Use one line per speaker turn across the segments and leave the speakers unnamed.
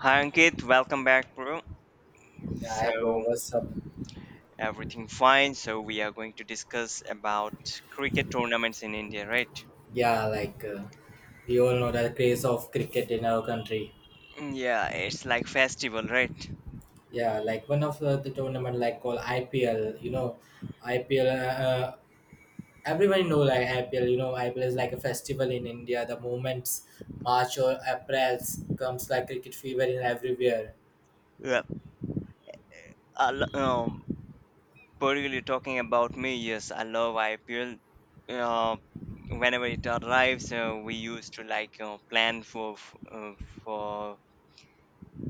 Hi Ankit, welcome back, bro.
Yeah, hi bro,
So
what's up?
everything fine. So we are going to discuss about cricket tournaments in India, right?
Yeah, we all know the craze of cricket in our country.
Yeah, it's like festival, right?
Yeah, like one of the tournament like called IPL. IPL. Everyone know like IPL. You know, IPL is like a festival in India. The moments March or April comes like cricket fever in everywhere.
Yeah. I lo- um, Particularly talking about me, yes, I love IPL. Uh, whenever it arrives, we used to plan for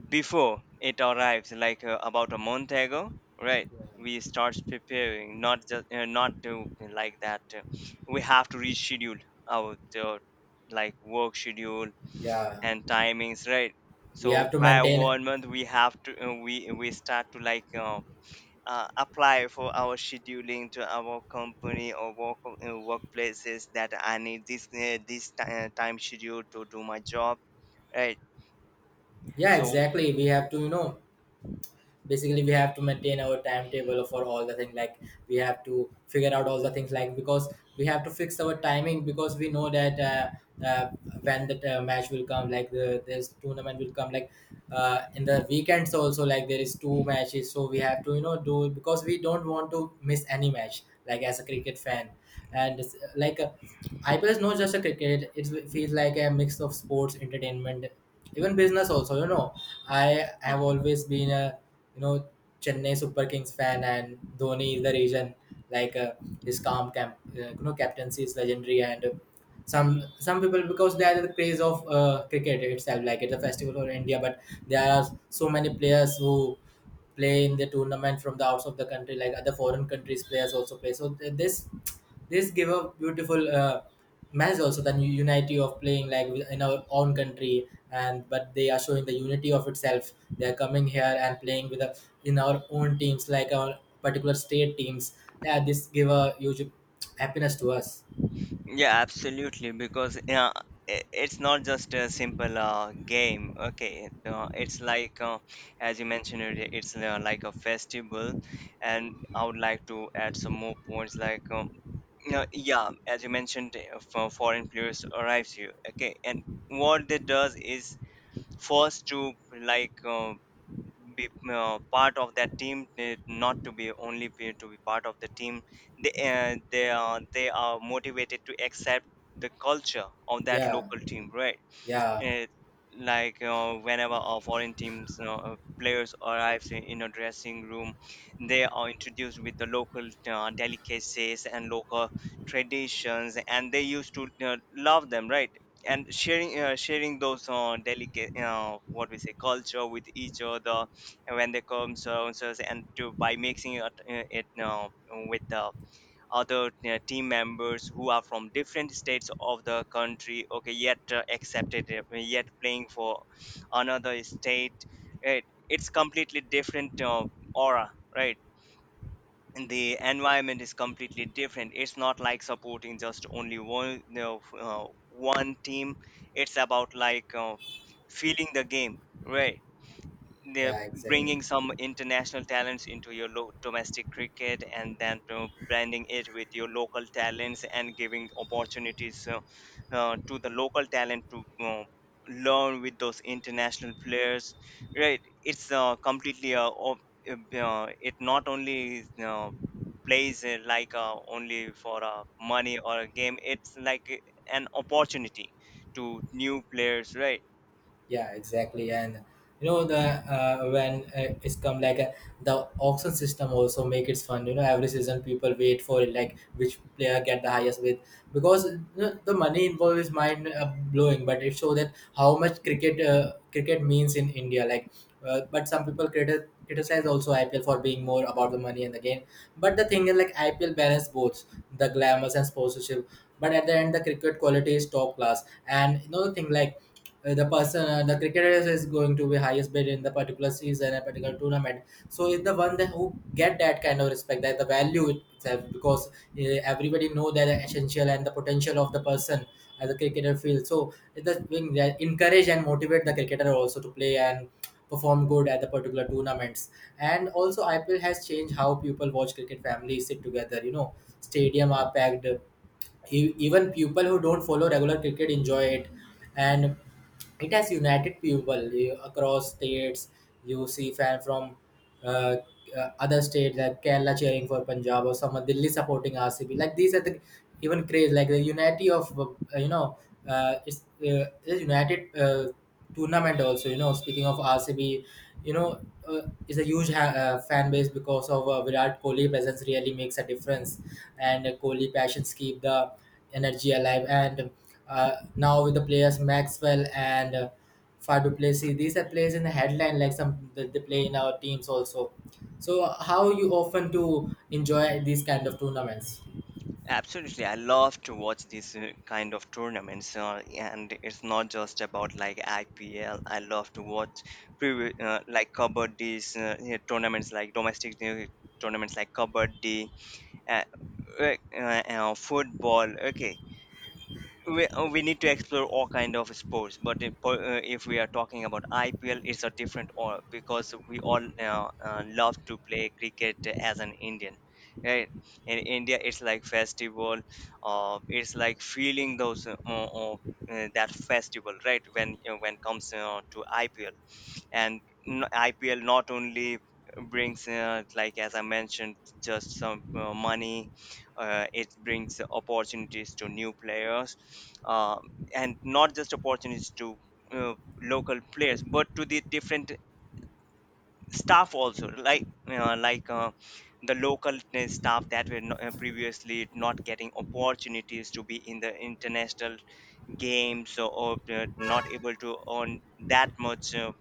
before it arrives about a month ago, right? We start preparing, not to like that we have to reschedule our like work schedule
Yeah,
and timings, right?
we
So
have to
prior
maintain.
1 month we have to we start to apply for our scheduling to our company or work workplaces, that I need this time schedule to do my job, right?
Yeah,
So
exactly. We have to, you know, basically we have to maintain our timetable for all the thing like we have to figure out all the things like because we have to fix our timing because we know that, when the match will come, like the this tournament will come, like in the weekends also, like there is two matches, so we have to, you know, do because we don't want to miss any match like as a cricket fan. And it's, like IPL is not just a cricket, it feels like a mix of sports entertainment, even business also, you know. I have always been a, you know, Chennai Super Kings fan, and Dhoni is the reason. Like uh, his calm, you know, captaincy is legendary. And some people, because they are the craze of cricket itself. Like it's a festival for India, but there are so many players who play in the tournament from the outs of the country, like other foreign countries players also play. So this give a beautiful message also, that unity of playing like in our own country, and but they are showing the unity of itself. They are coming here and playing with the, in our own teams, like our particular state teams. Yeah, this give a huge happiness to us.
yeah, absolutely. Because yeah, it's not just a simple game. Okay, it's as you mentioned earlier, it's like a festival, and I would like to add some more points. No, yeah, as you mentioned, for foreign players arrives here. Okay, and what they does is first to like. Um, be part of that team, eh, not to be only be, to be part of the team. They are motivated to accept the culture of that
Yeah,
local team, right?
yeah.
it Like, whenever our foreign teams, you know, players arrives in a dressing room, they are introduced with the local delicacies and local traditions, and they used to love them, right? And sharing those delicate, what we say, culture with each other. And when they come so and so, and to, by mixing it, it now with the other team members who are from different states of the country, okay, yet accepted, yet playing for another state, right? It's completely different aura, right? And the environment is completely different. It's not like supporting just only one, you know, one team. It's about feeling the game, right? They're
Yeah, exactly.
bringing some international talents into your domestic cricket, and then blending it with your local talents, and giving opportunities, to the local talent to learn with those international players, right? It's completely it not only plays like only for money or a game. It's an opportunity to new players, right?
Yeah, exactly. And you know the, when it's come like, the auction system also make it fun, you know. Every season people wait for it, like which player get the highest bid, because you know, the money involved is mind blowing, but it shows that how much cricket means in India. Like but some people criticize also IPL for being more about the money and the game, but the thing is like IPL balance both the glamours and sponsorship. But at the end the cricket quality is top class. And you know the thing, like the cricketer is going to be highest bid in the particular season, a particular tournament, so is the one that who get that kind of respect, that the value itself, because everybody know that the essential and the potential of the person as a cricketer field. So it's the thing that encourage and motivate the cricketer also to play and perform good at the particular tournaments. And also IPL has changed how people watch cricket. Families sit together, you know, stadium are packed. Even people who don't follow regular cricket enjoy it. And it has united people across states. You see fan from uh, other states like Kerala cheering for Punjab, or someone Delhi supporting RCB. Like these are the even craze, like the unity of, you know, it's, it's united tournament also, you know. Speaking of RCB, you know, it's a huge fan base, because of Virat Kohli presence really makes a difference. And Kohli passions keep the energy alive. And now with the players Maxwell and Fadu Plessis, these are players in the headline, like some that they play in our teams also. So how you often to enjoy these kind of tournaments?
Absolutely, I love to watch these kind of tournaments, and it's not just about like IPL. I love to watch like kabaddi's yeah, tournaments, like domestic tournaments like kabaddi, uh, football. Okay, we need to explore all kind of sports. But if, if we are talking about IPL, it's a different. Or because we all love to play cricket as an Indian, right? In India it's like festival, it's like feeling those, that festival, right? When you, when comes to IPL, and IPL not only brings, like as I mentioned, just some money, it brings opportunities to new players, um, and not just opportunities to uh, local players, but to the different staff also, the local staff that were previously not getting opportunities to be in the international games, or, not able to earn that much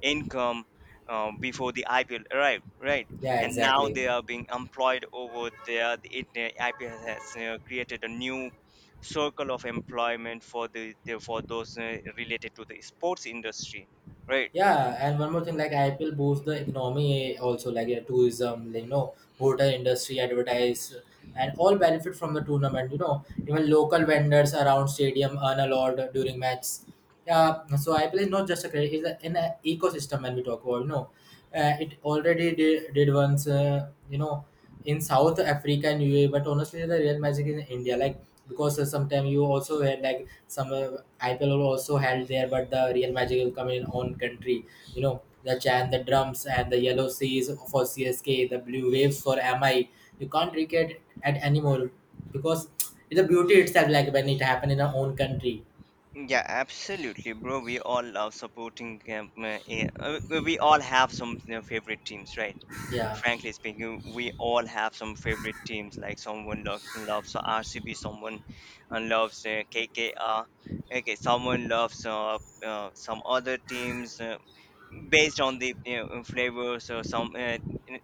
income before the IPL arrived, right? Right.
Yeah,
And now
exactly.
they are being employed over there. The IPL has created a new circle of employment for the for those related to the sports industry, right?
Yeah, and one more thing, like IPL boosts the economy also, like yeah, tourism, like, you know, hotel industry, advertise, and all benefit from the tournament. You know, even local vendors around stadium earn a lot during match. Yeah, so IPL is not just a credit, it's a, an ecosystem when we talk about. You know, it already did once. You know, in South Africa and UAE. But honestly, the real magic is in India. Like because sometimes you also had, like some IPL also held there, but the real magic will come in own country. You know, the chant, the drums, and the yellow seas for CSK, the blue waves for MI. You can't recreate at anymore, because it's a beauty itself, like when it happened in our own country.
Yeah, absolutely, bro. We all love supporting. We all have some, you know, favorite teams, right?
Yeah,
Frankly speaking, we all have some favorite teams. Like someone loves RCB, someone loves KKR. Okay, someone loves some other teams. Based on the, you know, flavors or some,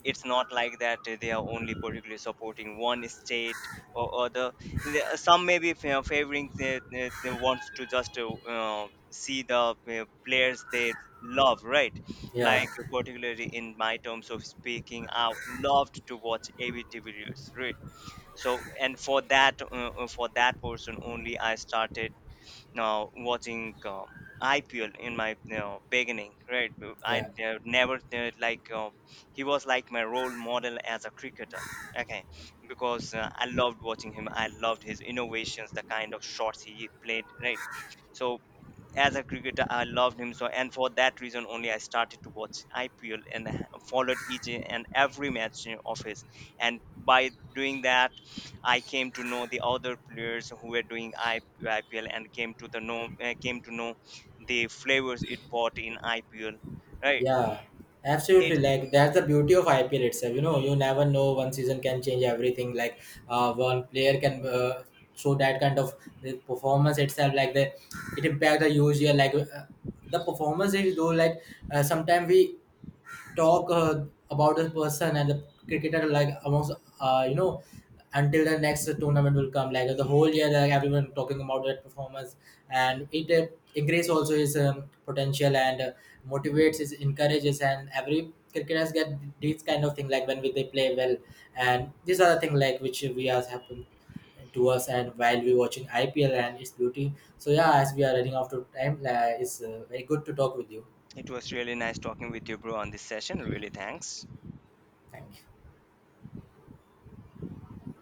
it's not like that they are only particularly supporting one state or other. The some may be favoring, they wants to just see the players they love, right?
yeah,
Particularly in my terms of speaking, I loved to watch abtv videos, right? So and for that, for that person only, I started know, watching IPL in my, you know, beginning, right? I
yeah.
never like He was like my role model as a cricketer. Okay, because I loved watching him. I loved his innovations, the kind of shots he played, right? So as a cricketer, I loved him so, and for that reason only, I started to watch IPL and followed each and every match of his. And by doing that, I came to know the other players who were doing IPL and came to the know, came to know the flavors it brought in IPL. Right?
Yeah,
It
absolutely. Like that's the beauty of IPL itself. You know, you never know. One season can change everything. Like one player can show that kind of the performance itself. Like the it impact the usual. Like the performance is though. Like sometimes we talk about the person and the cricketer, like amongst, you know, until the next tournament will come, like the whole year like everyone talking about that performance. And it increase also his potential, and motivates his encourages, and every cricketers get these kind of thing, like when we, they play well. And these are the thing like which we are happen to us, and while we watching IPL and its beauty. So yeah, as we are running out of time, it's very good to talk with you.
it was really nice talking with you, bro, on this session. Really, thanks.
Thank you.